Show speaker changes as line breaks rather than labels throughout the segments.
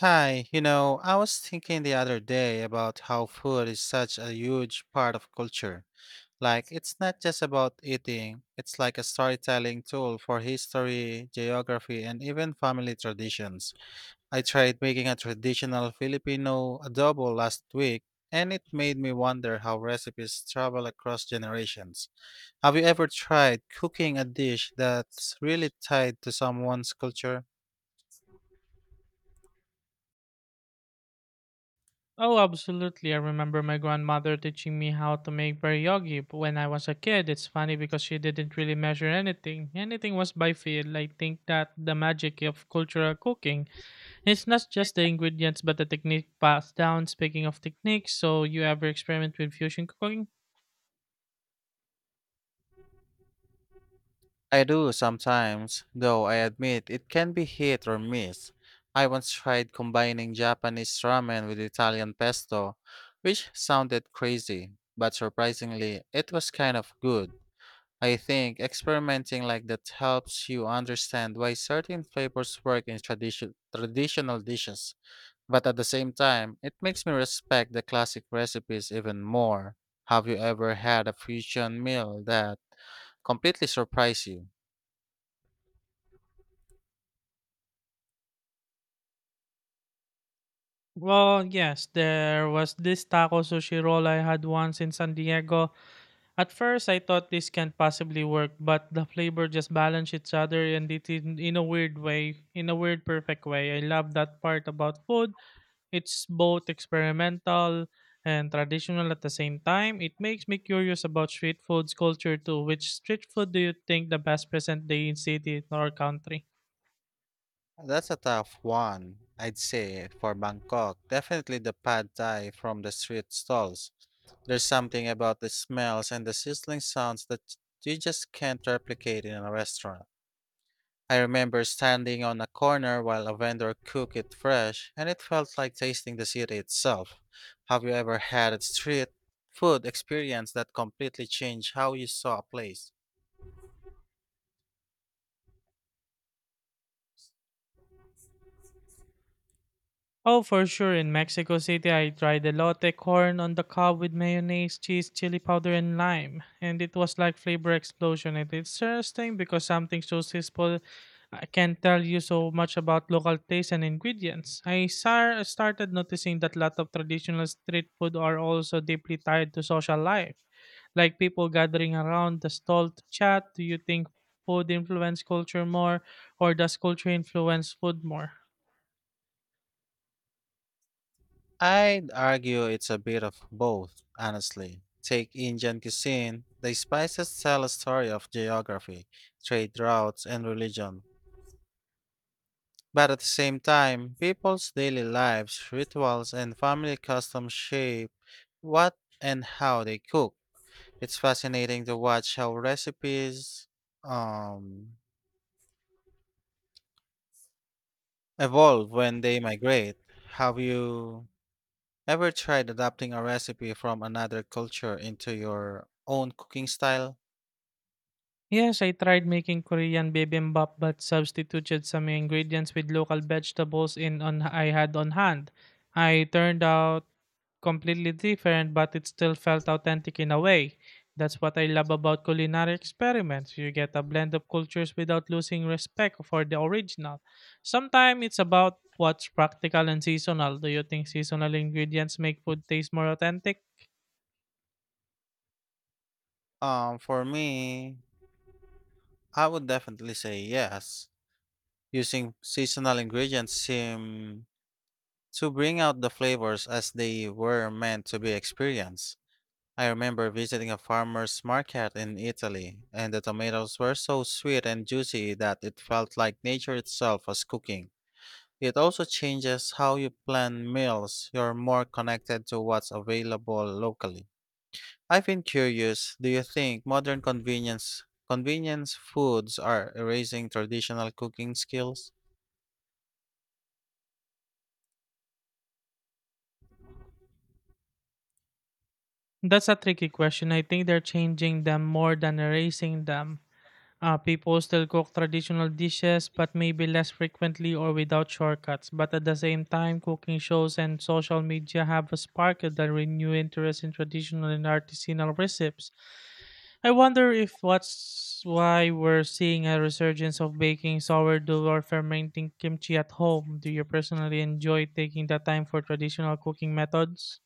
Hi, I was thinking the other day about how food is such a huge part of culture. Like, it's not just about eating, it's like a storytelling tool for history, geography, and even family traditions. I tried making a traditional Filipino adobo last week, and it made me wonder how recipes travel across generations. Have you ever tried cooking a dish that's really tied to someone's culture?
Oh, absolutely. I remember my grandmother teaching me how to make pierogi when I was a kid. It's funny because she didn't really measure anything. Anything was by feel. I think that the magic of cultural cooking is not just the ingredients but the technique passed down. Speaking of techniques, so you ever experiment with fusion cooking?
I do sometimes, though I admit it can be hit or miss. I once tried combining Japanese ramen with Italian pesto, which sounded crazy, but surprisingly, it was kind of good. I think experimenting like that helps you understand why certain flavors work in traditional dishes, but at the same time, it makes me respect the classic recipes even more. Have you ever had a fusion meal that completely surprised you?
Well, yes, there was this taco sushi roll I had once in San Diego. At first, I thought this can't possibly work, but the flavor just balance each other and it in a weird way, in a weird perfect way. I love that part about food. It's both experimental and traditional at the same time. It makes me curious about street food's culture too. Which street food do you think the best present day in city or country?
That's a tough one, I'd say, for Bangkok. Definitely the pad thai from the street stalls. There's something about the smells and the sizzling sounds that you just can't replicate in a restaurant. I remember standing on a corner while a vendor cooked it fresh, and it felt like tasting the city itself. Have you ever had a street food experience that completely changed how you saw a place?
Oh, for sure. In Mexico City, I tried the lotte corn on the cob with mayonnaise, cheese, chili powder, and lime. And it was like flavor explosion. And it's interesting because something so simple I can tell you so much about local taste and ingredients. I started noticing that a lot of traditional street food are also deeply tied to social life, like people gathering around the stall to chat. Do you think food influence culture more, or does culture influence food more?
I'd argue it's a bit of both, honestly. Take Indian cuisine. The spices tell a story of geography, trade routes, and religion. But at the same time, people's daily lives, rituals, and family customs shape what and how they cook. It's fascinating to watch how recipes um, evolve when they migrate. Have you ever tried adapting a recipe from another culture into your own cooking style?
Yes, I tried making Korean bibimbap but substituted some ingredients with local vegetables in on I had on hand. I turned out completely different, but it still felt authentic in a way. That's what I love about culinary experiments. You get a blend of cultures without losing respect for the original. Sometimes it's about what's practical and seasonal. Do you think seasonal ingredients make food taste more authentic?
For me, I would definitely say yes. Using seasonal ingredients seem to bring out the flavors as they were meant to be experienced. I remember visiting a farmer's market in Italy, and the tomatoes were so sweet and juicy that it felt like nature itself was cooking. It also changes how you plan meals. You're more connected to what's available locally. I've been curious, do you think modern convenience foods are erasing traditional cooking skills?
That's a tricky question. I think they're changing them more than erasing them. People still cook traditional dishes, but maybe less frequently or without shortcuts. But at the same time, cooking shows and social media have sparked a renewed interest in traditional and artisanal recipes. I wonder if what's why we're seeing a resurgence of baking sourdough or fermenting kimchi at home. Do you personally enjoy taking the time for traditional cooking methods?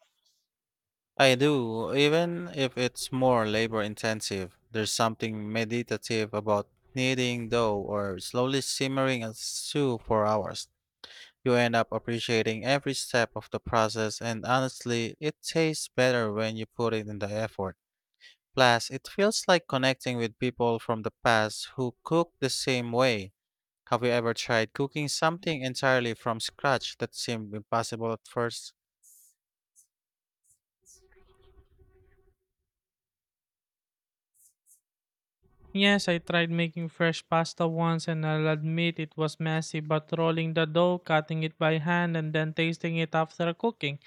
I do, even if it's more labor intensive. There's something meditative about kneading dough or slowly simmering a stew for hours. You end up appreciating every step of the process and honestly, it tastes better when you put it in the effort. Plus, it feels like connecting with people from the past who cook the same way. Have you ever tried cooking something entirely from scratch that seemed impossible at first?
Yes, I tried making fresh pasta once and I'll admit it was messy, but rolling the dough, cutting it by hand, and then tasting it after cooking.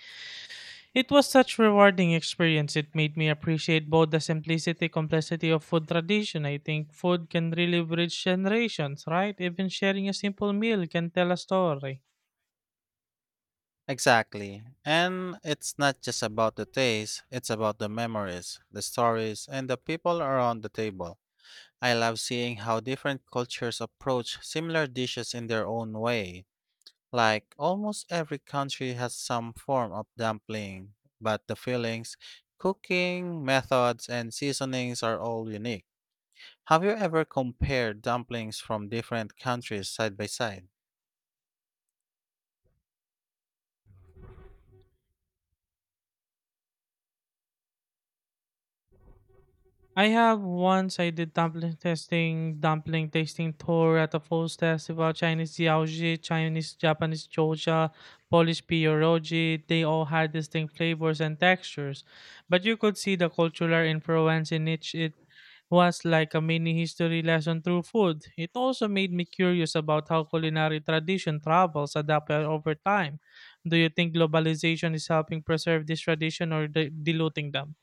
It was such rewarding experience. It made me appreciate both the simplicity complexity of food tradition. I think food can really bridge generations, right? Even sharing a simple meal can tell a story.
Exactly. And it's not just about the taste, it's about the memories, the stories, and the people around the table. I love seeing how different cultures approach similar dishes in their own way. Like almost every country has some form of dumpling, but the fillings, cooking methods, and seasonings are all unique. Have you ever compared dumplings from different countries side by side?
I have. Once I did dumpling testing, dumpling tasting tour at a food Festival, Chinese Jiaoji, Chinese Japanese Georgia, Polish pierogi. They all had distinct flavors and textures, but you could see the cultural influence in each. It was like a mini history lesson through food. It also made me curious about how culinary tradition travels adapt over time. Do you think globalization is helping preserve this tradition or diluting them?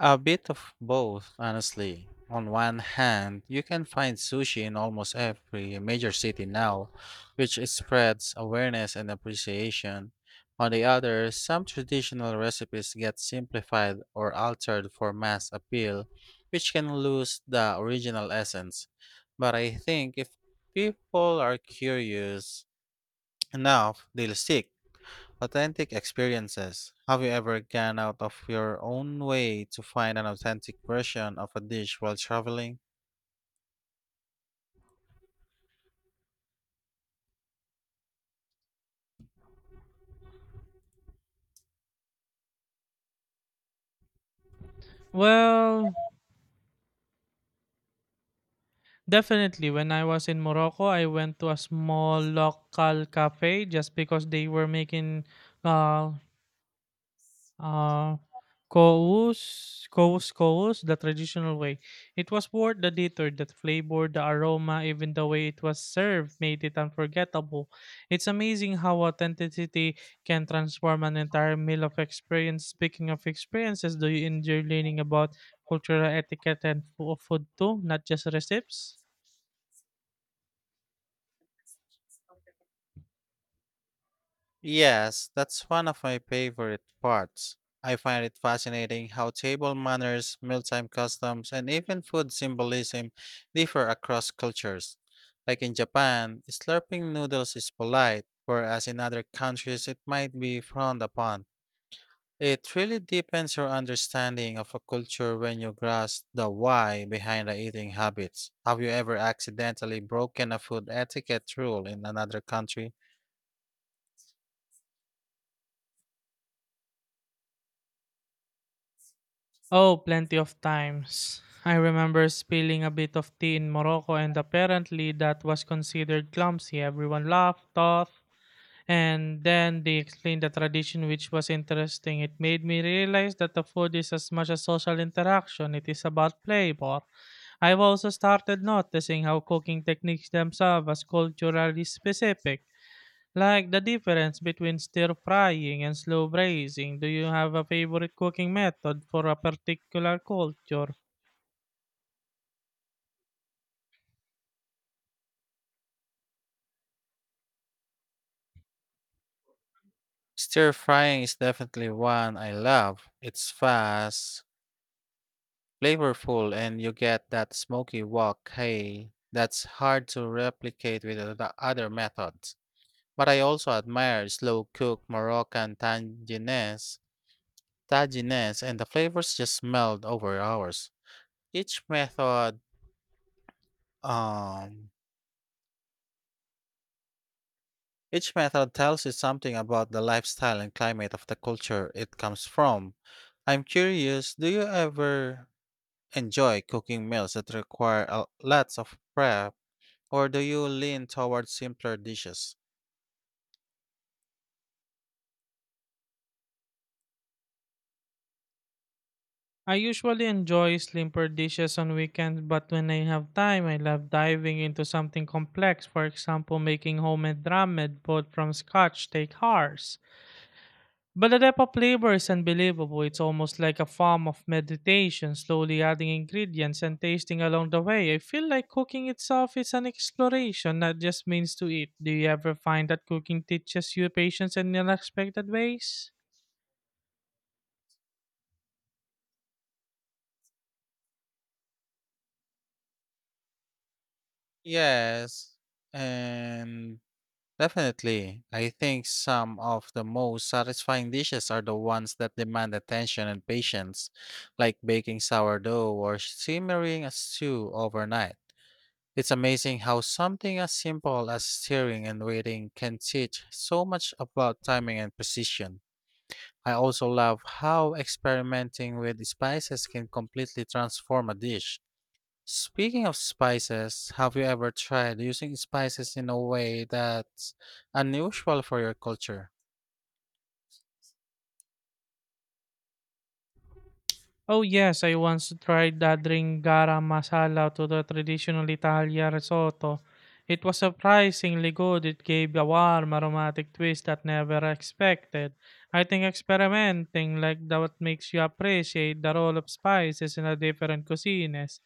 A bit of both, honestly. On one hand, you can find sushi in almost every major city now, which spreads awareness and appreciation. On the other, some traditional recipes get simplified or altered for mass appeal, which can lose the original essence. But I think if people are curious enough, they'll stick. Authentic experiences. Have you ever gone out of your own way to find an authentic version of a dish while traveling?
Well, definitely. When I was in Morocco, I went to a small local cafe just because they were making uh uh kous, kous, kous, the traditional way. It was worth the detour. The flavor, the aroma, even the way it was served made it unforgettable. It's amazing how authenticity can transform an entire meal of experience. Speaking of experiences, do you enjoy learning about cultural etiquette and food too, not just recipes?
Yes, that's one of my favorite parts. I find it fascinating how table manners, mealtime customs, and even food symbolism differ across cultures. Like in Japan, slurping noodles is polite, whereas in other countries it might be frowned upon. It really deepens your understanding of a culture when you grasp the why behind the eating habits. Have you ever accidentally broken a food etiquette rule in another country?
Oh, plenty of times. I remember spilling a bit of tea in Morocco, and apparently that was considered clumsy. Everyone laughed off, and then they explained the tradition, which was interesting. It made me realize that the food is as much a social interaction, it is about flavor. I've also started noticing how cooking techniques themselves are culturally specific. Like the difference between stir frying and slow braising, do you have a favorite cooking method for a particular culture?
Stir frying is definitely one I love. It's fast, flavorful, and you get that smoky wok hey that's hard to replicate with the other methods. But I also admire slow cooked Moroccan tagines, and the flavors just meld over hours. Each method um each method tells you something about the lifestyle and climate of the culture it comes from. I'm curious, do you ever enjoy cooking meals that require lots of prep or do you lean towards simpler dishes?
I usually enjoy simpler dishes on weekends, but when I have time, I love diving into something complex. For example, making homemade ramen both from scotch take hours. But the depth of flavor is unbelievable. It's almost like a form of meditation, slowly adding ingredients and tasting along the way. I feel like cooking itself is an exploration, not just means to eat. Do you ever find that cooking teaches you patience in unexpected ways?
Yes, and definitely. I think some of the most satisfying dishes are the ones that demand attention and patience, like baking sourdough or simmering a stew overnight. It's amazing how something as simple as stirring and waiting can teach so much about timing and precision. I also love how experimenting with spices can completely transform a dish. Speaking of spices, have you ever tried using spices in a way that's unusual for your culture?
Oh yes, I once tried adding garam masala to the traditional Italian risotto. It was surprisingly good. It gave a warm, aromatic twist that never expected. I think experimenting like that makes you appreciate the role of spices in a different cuisines.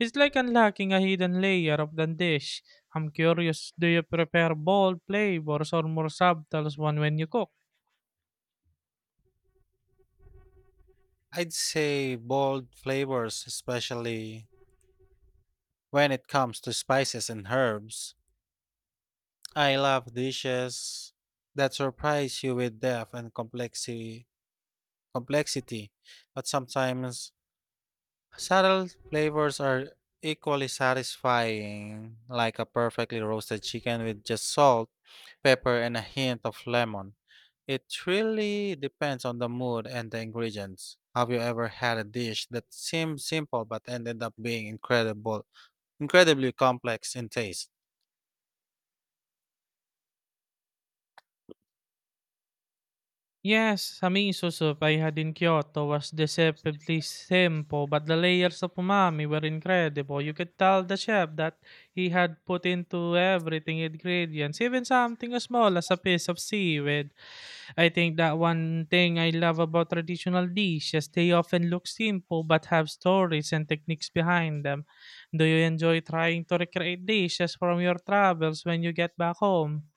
It's like unlocking a hidden layer of the dish. I'm curious, do you prepare bold flavors or more subtle ones when you cook?
I'd say bold flavors, especially when it comes to spices and herbs. I love dishes that surprise you with depth and complexity, but sometimes subtle flavors are equally satisfying, like a perfectly roasted chicken with just salt, pepper, and a hint of lemon. It really depends on the mood and the ingredients. Have you ever had a dish that seemed simple but ended up being incredibly complex in taste?
Yes, sa minha sussurpairada in Kyoto was deceptively simple, but the layers of umami were incredible. You could tell the chef that he had put into everything ingredients, even something as small as a piece of seaweed. I think that one thing I love about traditional dishes, they often look simple but have stories and techniques behind them. Do you enjoy trying to recreate dishes from your travels when you get back home?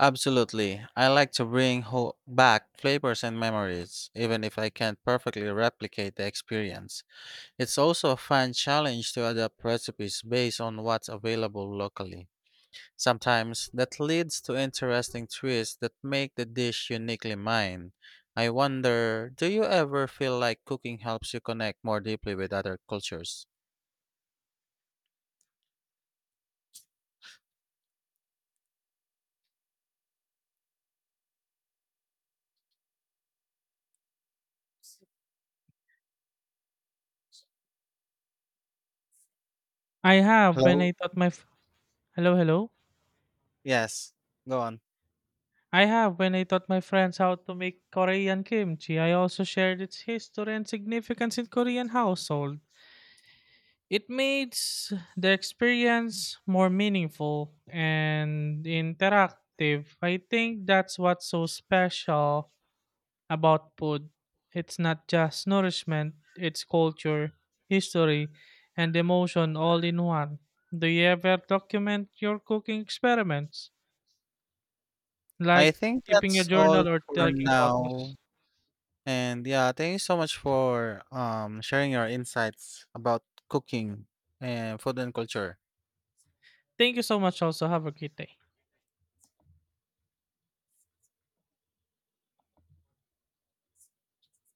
Absolutely. I like to bring back flavors and memories, even if I can't perfectly replicate the experience. It's also a fun challenge to adapt recipes based on what's available locally. Sometimes that leads to interesting twists that make the dish uniquely mine. I wonder, do you ever feel like cooking helps you connect more deeply with other cultures?
I have when
Hello?
I taught my Hello, hello.
Yes, go on.
I have when I taught my friends how to make Korean kimchi. I also shared its history and significance in Korean household. It makes the experience more meaningful and interactive. I think that's what's so special about food. It's not just nourishment, it's culture, history, and emotion all in one. Do you ever document your cooking experiments?
I
Like
think
keeping a
that's all
journal or
for
taking
now.
photos?
And yeah, thank you so much for sharing your insights about cooking and food and culture.
Thank you so much also. Have a great day.